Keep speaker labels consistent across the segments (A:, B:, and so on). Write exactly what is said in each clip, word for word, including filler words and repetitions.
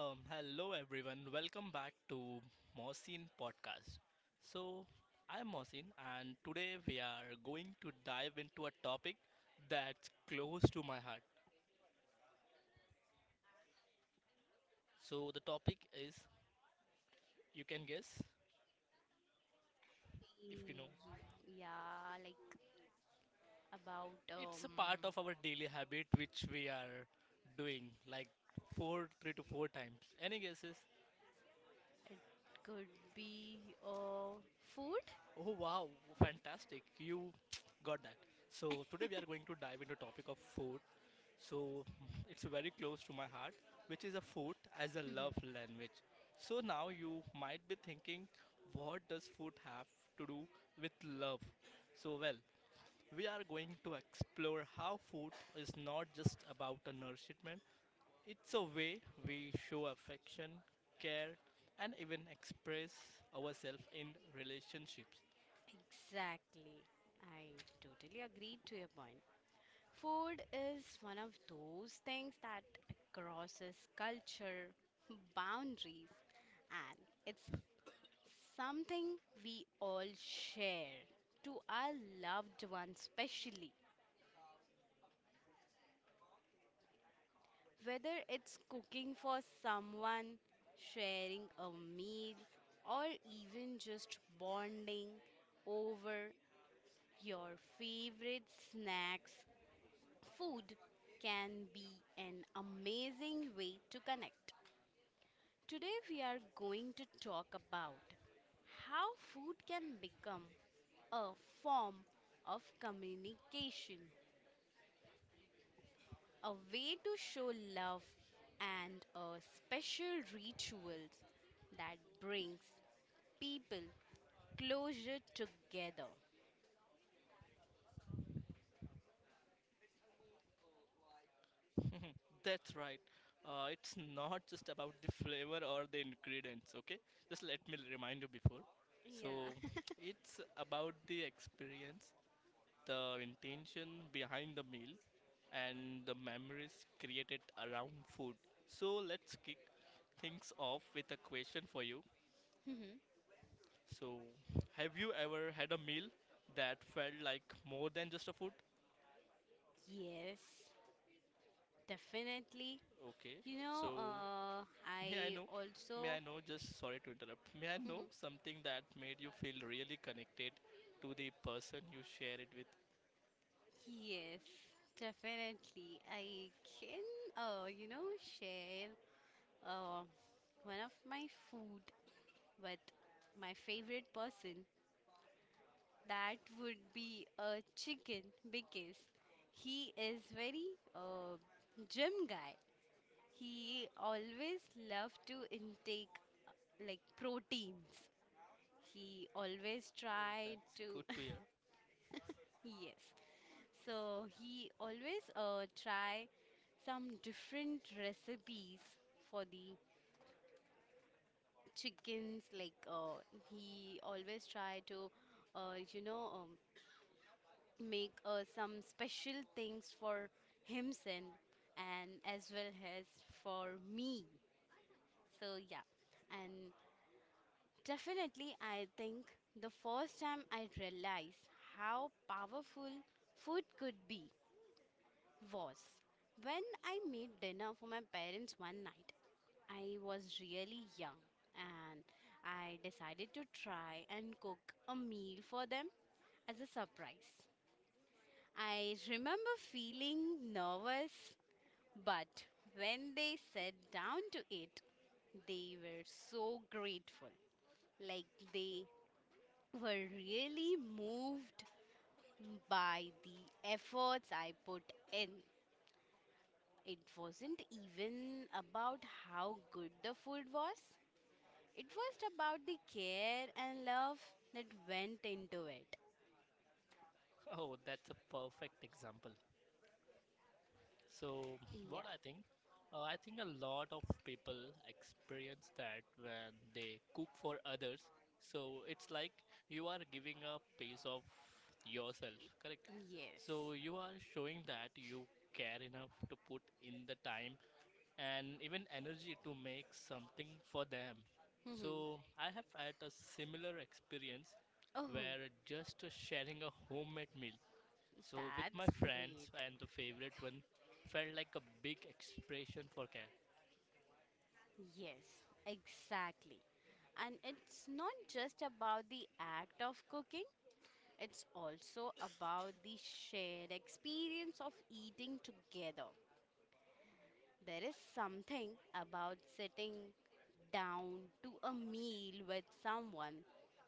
A: Um, hello everyone, welcome back to Mosin Podcast. So, I'm Mosin, and today we are going to dive into a topic that's close to my heart. So, the topic is you can guess if you know.
B: Yeah, like about um,
A: It's a part of our daily habit which we are doing like four, three to four times. Any guesses?
B: it could be uh, food.
A: Oh wow, fantastic! You got that. So today we are going to dive into topic of food. So it's very close to my heart, which is a food as a
B: Mhm.
A: love language. So now you might be thinking, what does food have to do with love? So, well, we are going to explore how food is not just about a nourishment, it's a way we show affection, care, and even express ourselves in relationships.
B: Exactly. I totally agree to your point. Food is one of those things that crosses culture, boundaries, and it's something we all share to our loved ones, especially. Whether it's cooking for someone, sharing a meal, or even just bonding over your favorite snacks, food can be an amazing way to connect. Today, we are going to talk about how food can become a form of communication, a way to show love and a special rituals that brings people closer together.
A: That's right. Uh, it's not just about the flavor or the ingredients, okay? Just let me remind you before. So,
B: Yeah.
A: it's about the experience, the intention behind the meal, and the memories created around food. So, let's kick things off with a question for you.
B: Mhm.
A: So, have you ever had a meal that felt like more than just a food?
B: Yes, definitely.
A: Okay,
B: You know,
A: so
B: uh,
A: May I
B: I
A: know? May
B: also
A: I know? Just sorry to interrupt. May I
B: Mhm.
A: know something that made you feel really connected to the person you share it with?
B: Yes, definitely. I can, uh, you know, share uh, one of my food with my favorite person. That would be a chicken because he is very uh, gym guy. He always love to intake uh, like proteins. He always
A: Oh,
B: try
A: that's
B: to
A: good to hear.
B: yes. So he always uh, try some different recipes for the chickens like uh, he always try to uh, you know um, make uh, some special things for himself and as well as for me. So, yeah, and definitely, I think the first time I realized how powerful food could be was when I made dinner for my parents one night. I was really young and I decided to try and cook a meal for them as a surprise. I remember feeling nervous. But when they sat down to it, they were so grateful. Like they were really moved by the efforts I put in. It wasn't even about how good the food was, it was about the care and love that went into it.
A: Oh, that's a perfect example. So,
B: Yeah,
A: what I think, uh, I think a lot of people experience that when they cook for others. So, it's like you are giving a piece of yourself, correct?
B: yes.
A: So, you are showing that you care enough to put in the time and even energy to make something for them.
B: Hmm.
A: So I have had a similar experience
B: Oh,
A: where just uh, sharing a homemade meal, so with my
B: that's great.
A: friends and the favorite one, felt like a big expression for care.
B: Yes, exactly. And it's not just about the act of cooking, it's also about the shared experience of eating together. There is something about sitting down to a meal with someone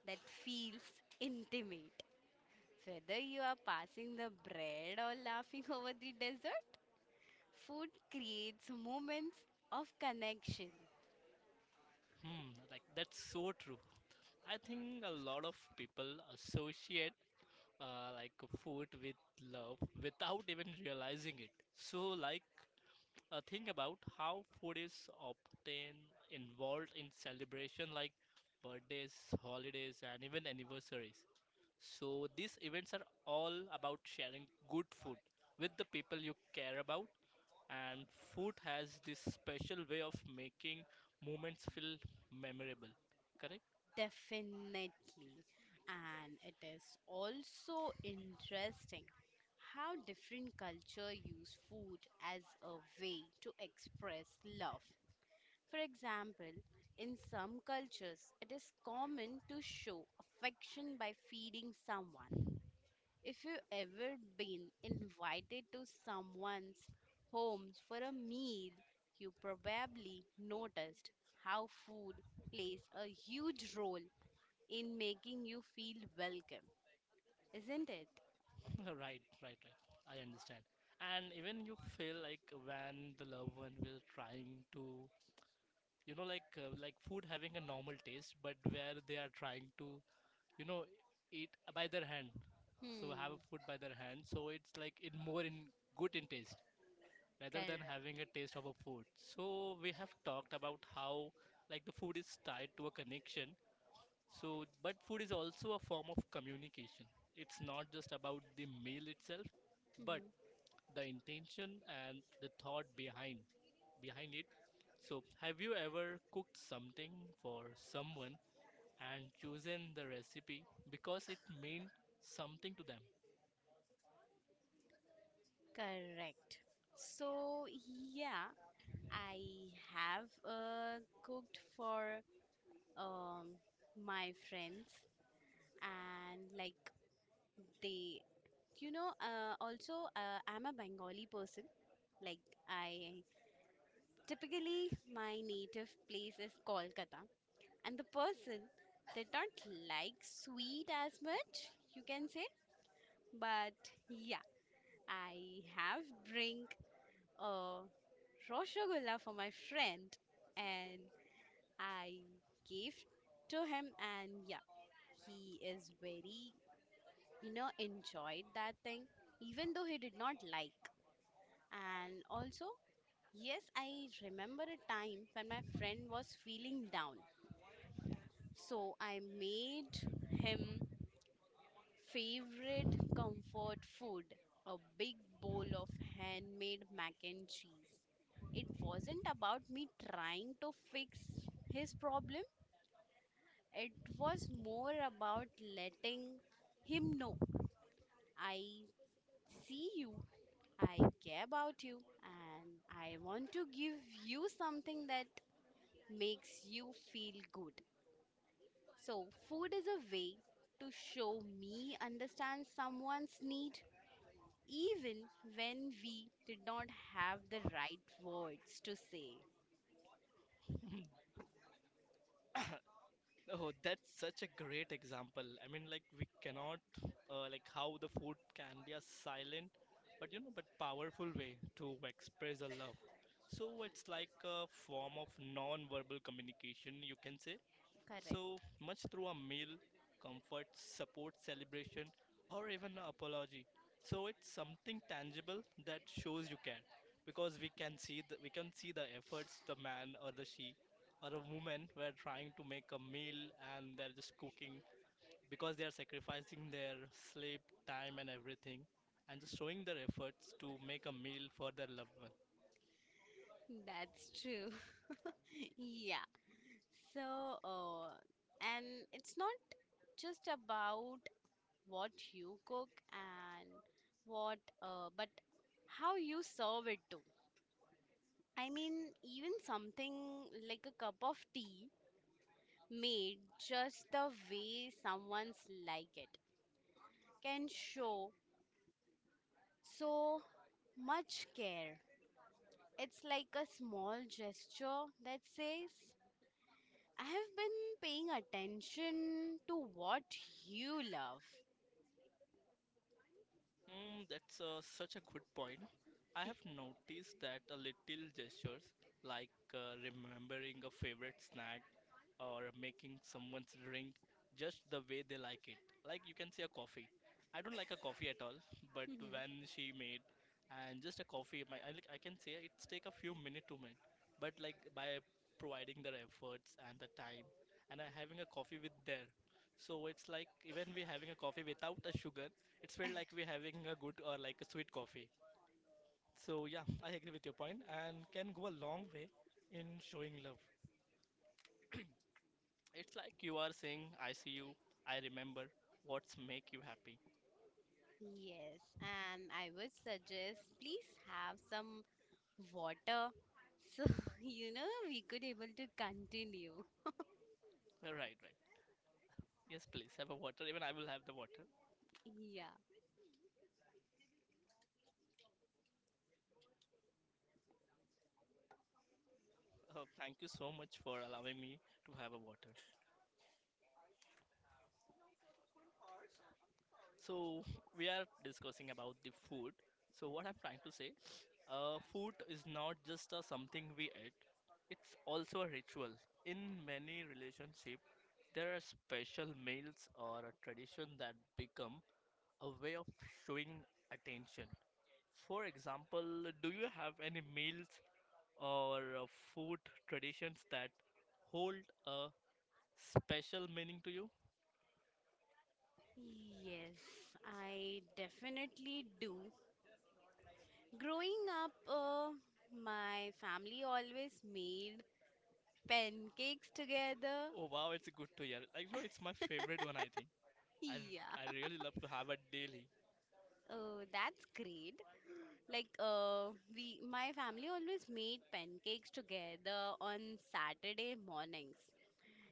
B: that feels intimate. Whether you are passing the bread or laughing over the dessert, food creates moments of connection.
A: Hmm, like that's so true. I think a lot of people associate uh, like food with love without even realizing it. So like Uh, think about how food is often involved in celebration like birthdays, holidays, and even anniversaries. So these events are all about sharing good food with the people you care about, and food has this special way of making moments feel memorable. Correct?
B: Definitely. And it is also interesting how different culture use food as a way to express love. For example, in some cultures, it is common to show affection by feeding someone. If you ever been invited to someone's home for a meal, you probably noticed how food plays a huge role in making you feel welcome, isn't it?
A: right, right, right. I understand. And even you feel like when the loved one will trying to you know like uh, like food having a normal taste but where they are trying to you know eat by their hand, so have
B: Hmm,
A: a food by their hand, so it's like it more in good in taste rather than having
B: correct.
A: a taste of a food. So we have talked about how like the food is tied to a connection, so but food is also a form of communication. It's not just about the meal itself but
B: Hmm.
A: the intention and the thought behind behind it. So, have you ever cooked something for someone and chosen the recipe because it meant something to them?
B: Correct. So, yeah, I have uh, cooked for um, my friends and like they, you know, uh, also uh, I'm a Bengali person. Like I typically my native place is Kolkata and the person did not like sweet as much, you can say. But yeah, I have bring a roshogulla for my friend and I gave to him and yeah, he is very you know enjoyed that thing even though he did not like. And also, yes, I remember a time when my friend was feeling down. So I made him favorite comfort food, a big bowl of handmade mac and cheese. It wasn't about me trying to fix his problem, it was more about letting him know I see you, I care about you, and I want to give you something that makes you feel good. So, food is a way to show me understand someone's need even when we did not have the right words to say.
A: Oh, that's such a great example. I mean, like we cannot, uh, like how the food can be a silent, but you know, but powerful way to express a love. So it's like a form of non-verbal communication, you can say. So
B: Correct.
A: much through a meal, comfort, support, celebration, or even an apology. So it's something tangible that shows you care, because we can see the, we can see the efforts the man or the she or a woman were trying to make a meal and they're just cooking because they are sacrificing their sleep, time, and everything, and just showing their efforts to make a meal for their loved one.
B: That's true. Yeah. So, uh, and it's not just about what you cook and what, uh, but how you serve it too. I mean, even something like a cup of tea made just the way someone's like it can show so much care. It's like a small gesture that says, I have been paying attention to what you love.
A: Mm, that's uh, such a good point. I have noticed that a little gestures like uh, remembering a favorite snack or making someone's drink just the way they like it. Like you can say a coffee. I don't like a coffee at all, but when she made and just a coffee, my I like I can say it's take a few minutes to make, but like by providing their efforts and the time and uh, having a coffee with there. So it's like even we having a coffee without a sugar, it's felt like we having a good or like a sweet coffee. So yeah, I agree with your point and can go a long way in showing love. It's like you are saying, I see you, I remember what's make you happy.
B: Yes, and I would suggest please have some water so you know we could able to continue.
A: Uh, Right, right. Yes, please have a water. Even I will have the water.
B: Yeah.
A: Uh, thank you so much for allowing me to have a water. So we are discussing about the food. So what I'm trying to say, uh, food is not just a something we eat. It's also a ritual. In many relationship, there are special meals or a tradition that become a way of showing attention. For example, do you have any meals or uh, food traditions that hold a special meaning to you?
B: Yes, I definitely do. Growing up, uh, my family always made pancakes together.
A: Oh wow, it's good to hear. Like, you know, it's my favorite one, I think. I, r- I
B: Yeah.
A: really love to have it daily.
B: Oh, that's great. Like, uh, we, my family always made pancakes together on Saturday mornings.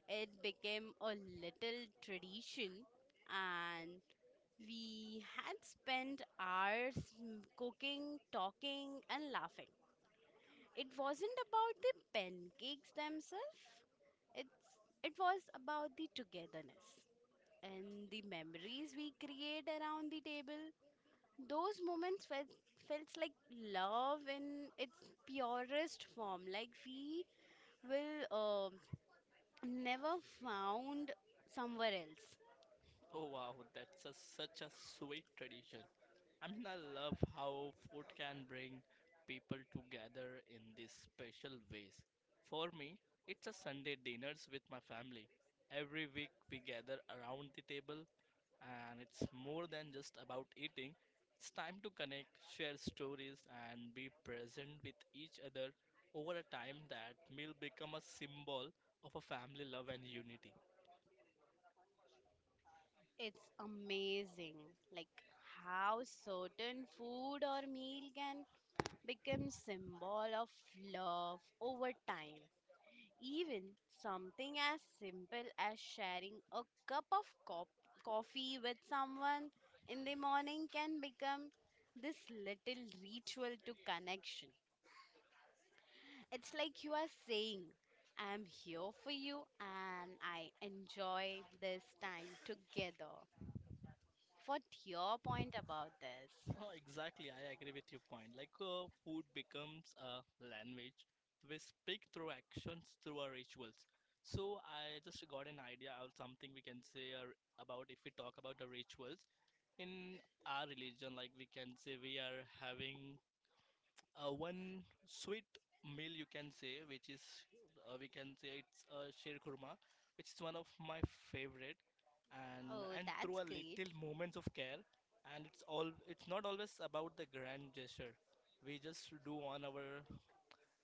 B: It became a little tradition, and we had spent hours mm, cooking, talking, and laughing. It wasn't about the pancakes themselves. It's it was about the togetherness and the memories we create around the table. Those moments felt felt like love in its purest form, like we will uh, never found somewhere else.
A: Oh wow, that's a, such a sweet tradition. I mean, I love how food can bring people together in these special ways. For me, it's a Sunday dinners with my family. Every week we gather around the table and it's more than just about eating. It's time to connect, share stories, and be present with each other over a time that meal become a symbol of a family love and unity.
B: It's amazing like how certain food or meal can become symbol of love over time. Even something as simple as sharing a cup of co- coffee with someone in the morning can become this little ritual to connection. It's like you are saying, I'm here for you and I enjoy this time together. What's your point about this?
A: Oh, exactly, I agree with your point. Like uh, food becomes a language, we speak through actions, through our rituals. So I just got an idea of something we can say or about if we talk about the rituals in our religion. Like we can say we are having uh, one sweet meal you can say which is uh, we can say it's uh, sheer kurma which is one of my favorite, and
B: Oh,
A: and through
B: that's
A: a
B: great.
A: little moments of care. And it's all, it's not always about the grand gesture we just do on our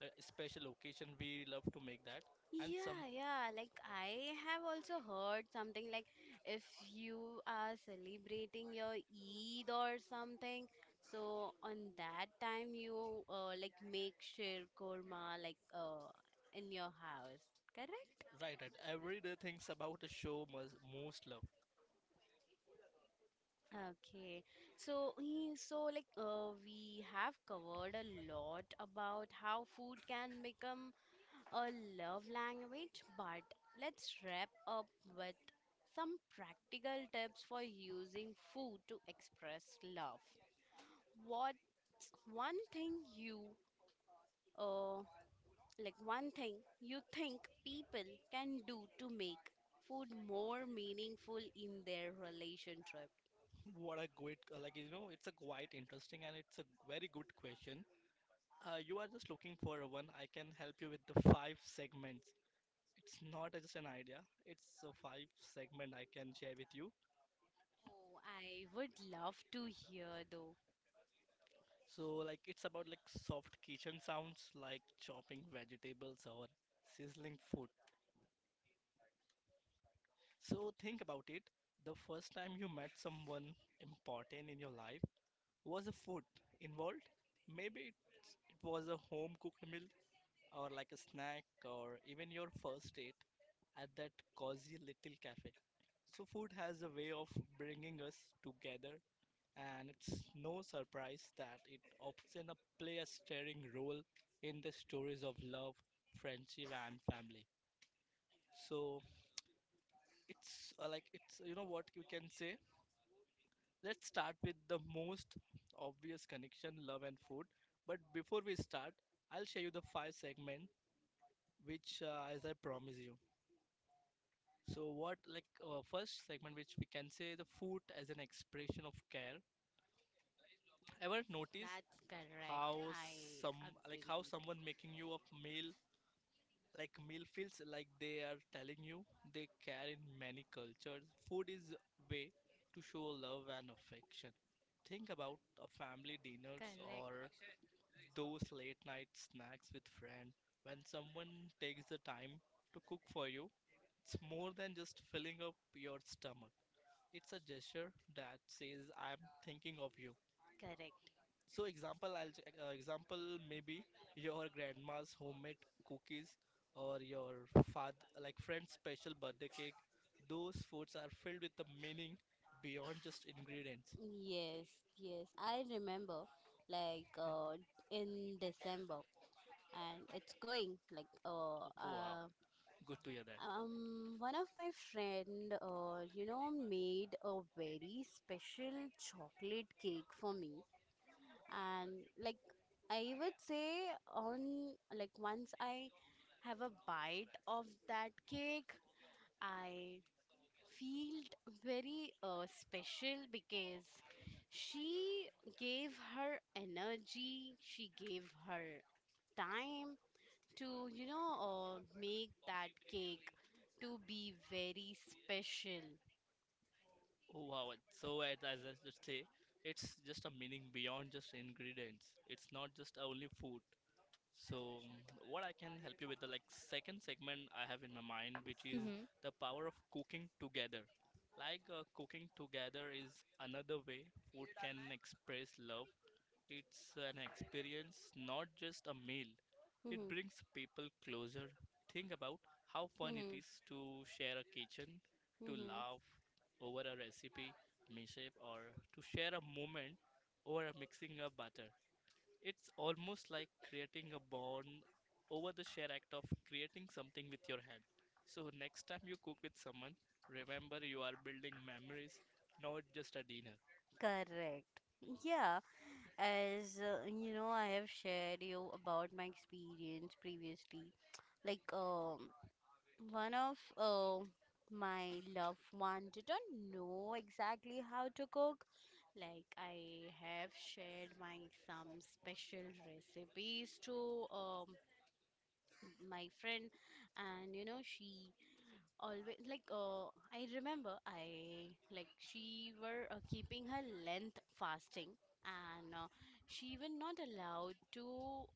A: uh, special occasion we love to make that. And some
B: Yeah, yeah. Like I have also heard something like if you are celebrating your Eid or something, so on that time you uh, like make shir korma like uh, in your house, correct?
A: right right everyday things about a show must most love.
B: Okay. So eh, so like uh, we have covered a lot about how food can become a love language, but let's wrap up with some practical tips for using food to express love. What's one thing you uh like one thing you think people can do to make food more meaningful in their relationship?
A: What a great, uh, like you know it's a quite interesting and it's a very good question. Uh, you are just looking for a one. I can help you with the five segments. It's not just an idea. It's a five segment I can share with you.
B: Oh, I would love to hear though.
A: So like it's about like soft kitchen sounds like chopping vegetables or sizzling food. So think about it. The first time you met someone important in your life, was the food involved? Maybe it was a home cooked meal or like a snack or even your first date at that cozy little cafe. So, food has a way of bringing us together, and it's no surprise that it often a- play a steering role in the stories of love, friendship, and family. So, it's uh, like it's you know what you can say. Let's start with the most obvious connection love and food. But before we start, I'll show you the five segments which, uh, as I promise you. So what like uh, first segment which we can say the food as an expression of care. Ever
B: Yes,
A: notice
B: that's correct.
A: how
B: I
A: some like
B: agreed.
A: how someone making you a meal like meal feels like they are telling you they care in many cultures. Food is a way to show love and affection. Think about a family dinners or
B: Correct.
A: those late night snacks with friends. When someone takes the time to cook for you, it's more than just filling up your stomach. It's a gesture that says I'm thinking of you.
B: Correct.
A: So example, I'll ch- uh, example maybe your grandma's homemade cookies or your father like friend's special birthday cake. Those foods are filled with the meaning beyond just ingredients.
B: Yes, yes, I remember like uh in December and it's going like uh,
A: Oh, wow,
B: uh
A: good to hear that.
B: um one of my friend uh you know made a very special chocolate cake for me and like I would say on like once I have a bite of that cake I felt very uh, special because she gave her energy, she gave her time to, you know, uh, make that cake to be very special.
A: Oh, wow. it- So, as as I just say, it's just a meaning beyond just ingredients. It's not just only food. So, what I can help you with the like second segment I have in my mind, which is
B: Mhm,
A: the power of cooking together. Like uh, cooking together is another way food can express love. It's an experience, not just a meal. It
B: mhm,
A: brings people closer. Think about how fun it
B: mhm,
A: is to share a kitchen, to
B: mhm.
A: laugh over a recipe, mishap, or to share a moment over a mixing of butter. It's almost like creating a bond over the sheer act of creating something with your hand. So, next time you cook with someone, remember you are building memories, not just a dinner.
B: Correct. Yeah, as uh, you know, I have shared you about my experience previously. Like, um, one of uh, my loved one didn't know exactly how to cook, like I have shared my some special recipes to um, my friend and you know she always like uh, I remember I like she were uh, keeping her length fasting and uh, she were not allowed to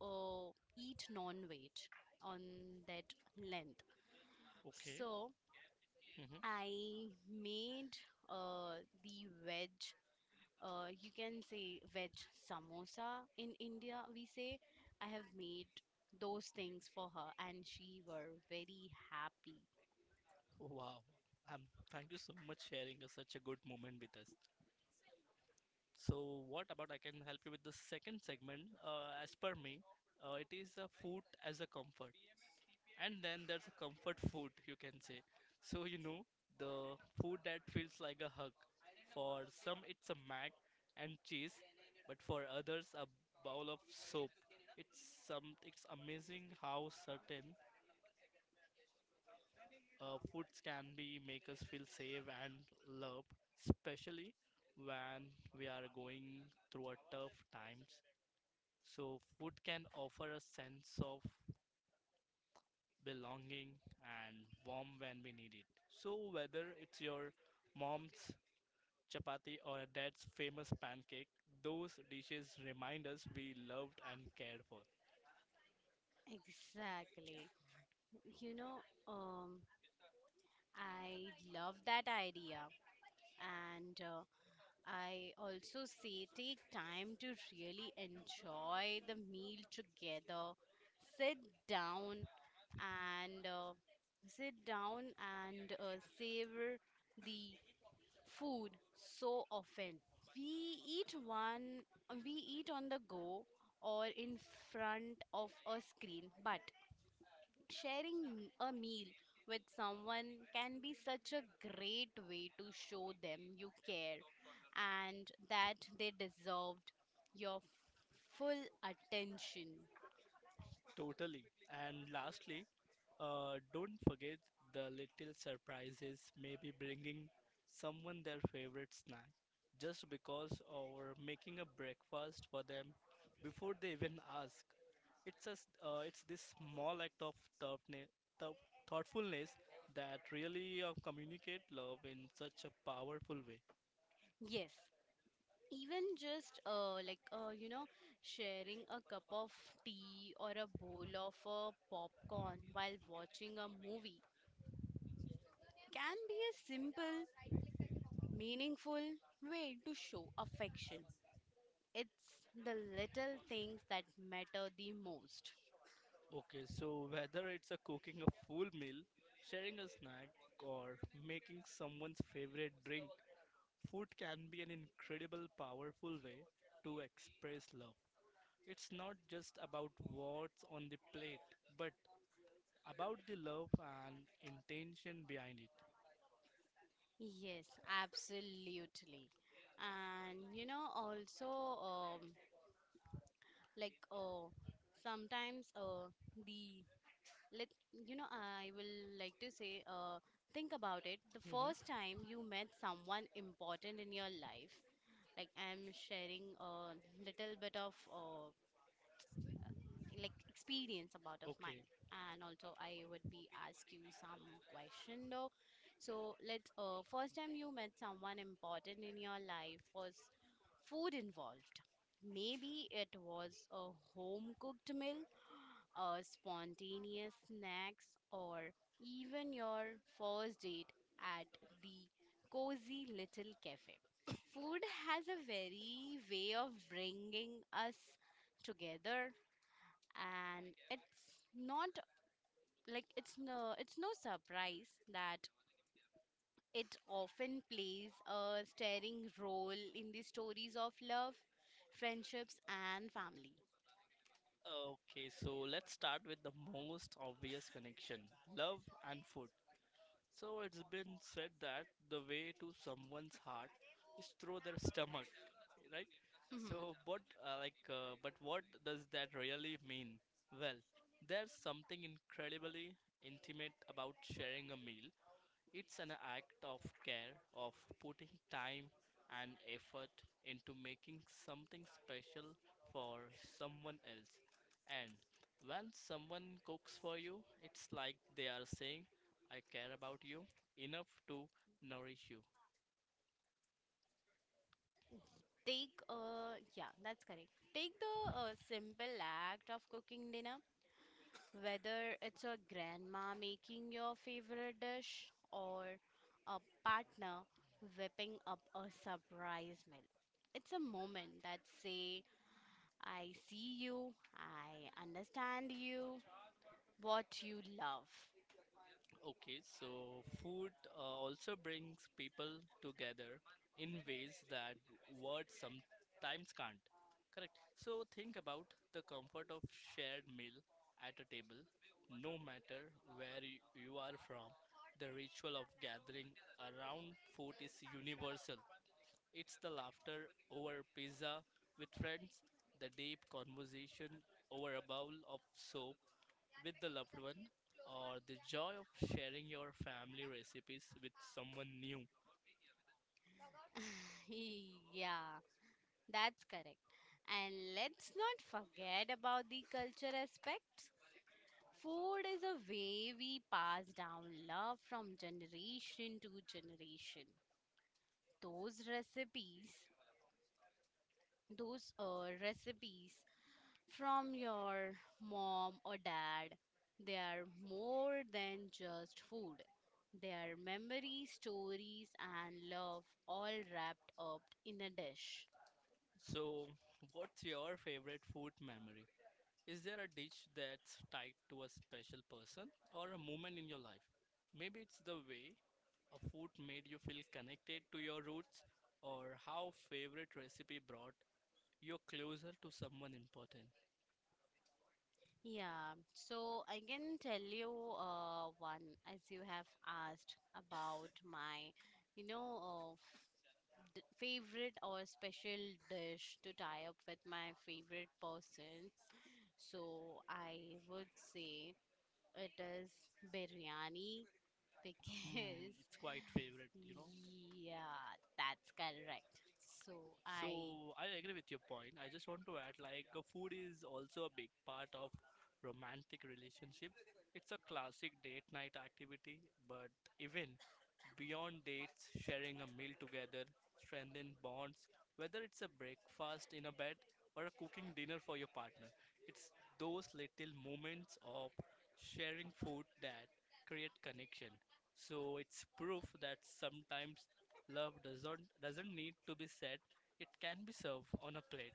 B: uh, eat non-weight on that length,
A: Okay?
B: so
A: Hmm.
B: I made uh, the veg, uh, you can say veg samosa in India, we say. I have made those things for her, and she were very happy.
A: Wow. Um, Thank you so much sharing a- such a good moment with us. So, what about I can help you with the second segment? Uh, as per me, uh, it is a food as a comfort. And then there's a comfort food you can say, so you know the food that feels like a hug. For some it's a mac and cheese, but for others a bowl of soup. It's some, it's amazing how certain uh, foods can be make us feel safe and loved, especially when we are going through a tough times. So food can offer a sense of belonging, and warm when we need it. So, whether it's your mom's chapati or a dad's famous pancake, those dishes remind us we loved and cared for.
B: Exactly. You know, um, I love that idea, and uh, I also say take time to really enjoy the meal together. Sit down and uh, Sit down and uh, savor the food so often. We eat one, we eat on the go or in front of a screen, but sharing a meal with someone can be such a great way to show them you care and that they deserved your full attention.
A: Totally. And lastly, Uh, don't forget the little surprises, maybe bringing someone their favorite snack just because, or making a breakfast for them before they even ask. It's a, s- uh, it's this small act of thoughtne- thou- thoughtfulness that really uh, communicate love in such a powerful way.
B: Yes, even just uh, like uh, you know sharing a cup of tea or a bowl of uh, popcorn while watching a movie can be a simple meaningful way to show affection. It's the little things that matter the most.
A: Okay, so whether it's a cooking a full meal, sharing a snack, or making someone's favorite drink, food can be an incredible, powerful way to express love. It's not just about what's on the plate, but about the love and intention behind it.
B: Yes, absolutely. And you know also um, like uh, sometimes uh, the let you know I will like to say, uh, think about it, the
A: Mhm.
B: first time you met someone important in your life, like I'm sharing a little bit of uh, like experience about of
A: Okay.
B: mine and also I would be ask you some question though. So let's uh, first time you met someone important in your life, was food involved? Maybe it was a home cooked meal or spontaneous snacks, or even your first date at the cozy little cafe. Food has a very way of bringing us together and it's not like it's no it's no surprise that it often plays a staring role in the stories of love, friendships and family.
A: Okay, so let's start with the most obvious connection, love and food. So it's been said that the way to someone's heart is through their stomach, right? So, but uh, like, uh, but what does that really mean? Well, there's something incredibly intimate about sharing a meal. It's an act of care, of putting time and effort into making something special for someone else. And when someone cooks for you, it's like they are saying, I care about you enough to nourish you.
B: Take, uh, yeah, that's correct. Take the uh, simple act of cooking dinner, whether it's your grandma making your favorite dish or a partner whipping up a surprise meal. It's a moment that say, I see you, I understand you, what you love.
A: Okay, so food uh, also brings people together in ways that words sometimes can't. Correct. So think about the comfort of shared meal at a table, no matter where y- you are from. The ritual of gathering around food is universal. It's the laughter over pizza with friends, the deep conversation over a bowl of soup, with the loved one, or the joy of sharing your family recipes with someone new.
B: Yeah, that's correct. And let's not forget about the culture aspect. Food is a way we pass down love from generation to generation. Those recipes, those uh, recipes from your mom or dad, they are more than just food. They are memories, stories, and love all wrapped up in a dish.
A: So, what's your favorite food memory? Is there a dish that's tied to a special person or a moment in your life? Maybe it's the way a food made you feel connected to your roots, or how favorite recipe brought you closer to someone important.
B: Yeah, so I can tell you uh, one, as you have asked about my, you know, uh, d- favorite or special dish to tie up with my favorite person. So I would say it is biryani because
A: Hmm, it's quite favorite, you know.
B: yeah, that's correct. So I
A: So I agree with your point. I just want to add like uh, food is also a big part of romantic relationship. It's a classic date night activity, but even beyond dates, sharing a meal together strengthens bonds, whether it's a breakfast in a bed or a cooking dinner for your partner. It's those little moments of sharing food that create connection. So it's proof that sometimes love doesn't doesn't need to be said. It can be served on a plate.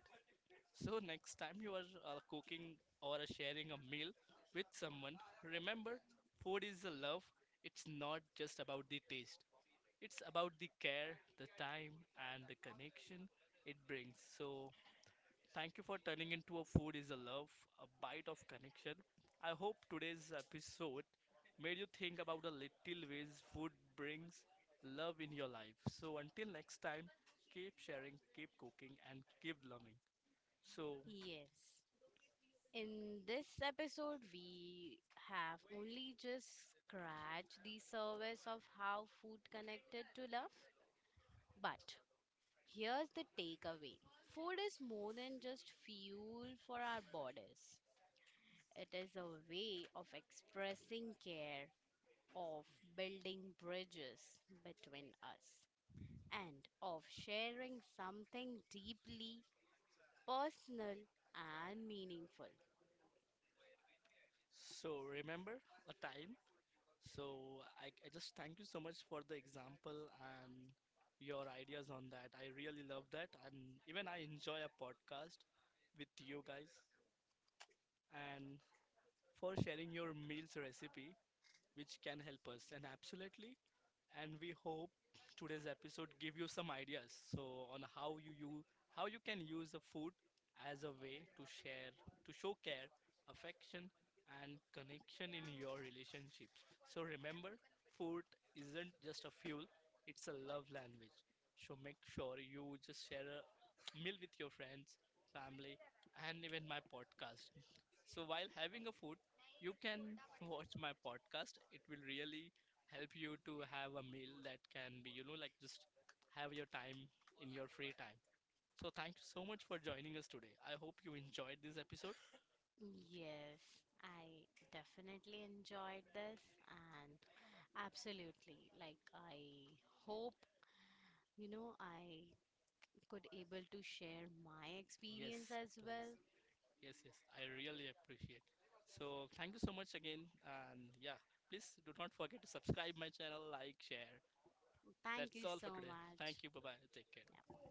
A: So next time you are uh, cooking or uh, sharing a meal with someone, remember food is a love, it's not just about the taste, it's about the care, the time, and the connection it brings. So, thank you for turning into a food is a love, a bite of connection. I hope today's episode made you think about the little ways food brings love in your life. So, until next time, keep sharing, keep cooking, and keep loving. So,
B: yes. In this episode, we have only just scratched the surface of how food connected to love, but here's the takeaway: food is more than just fuel for our bodies, it is a way of expressing care, of building bridges between us, and of sharing something deeply personal and meaningful.
A: so remember a time. So I, I just thank you so much for the example and your ideas on that. I really love that. And even I enjoy a podcast with you guys and for sharing your meals recipe which can help us, and absolutely, and we hope today's episode give you some ideas so on how you use, how you can use the food as a way to share, to show care, affection, and connection in your relationships. So remember, food isn't just a fuel, it's a love language. So make sure you just share a meal with your friends, family, and even my podcast. So while having a food, you can watch my podcast. It will really help you to have a meal that can be, you know, like just have your time in your free time. So thank you so much for joining us today. I hope you enjoyed this episode.
B: Yes, I definitely enjoyed this and absolutely like I hope you know I could able to share my experience
A: Yes,
B: as well.
A: please. Yes, yes. I really appreciate. So thank you so much again and yeah, please do not forget to subscribe my channel, like, share.
B: Thank
A: That's
B: you
A: all for
B: so
A: today.
B: much.
A: Thank you. Bye-bye. Take care.
B: Yeah.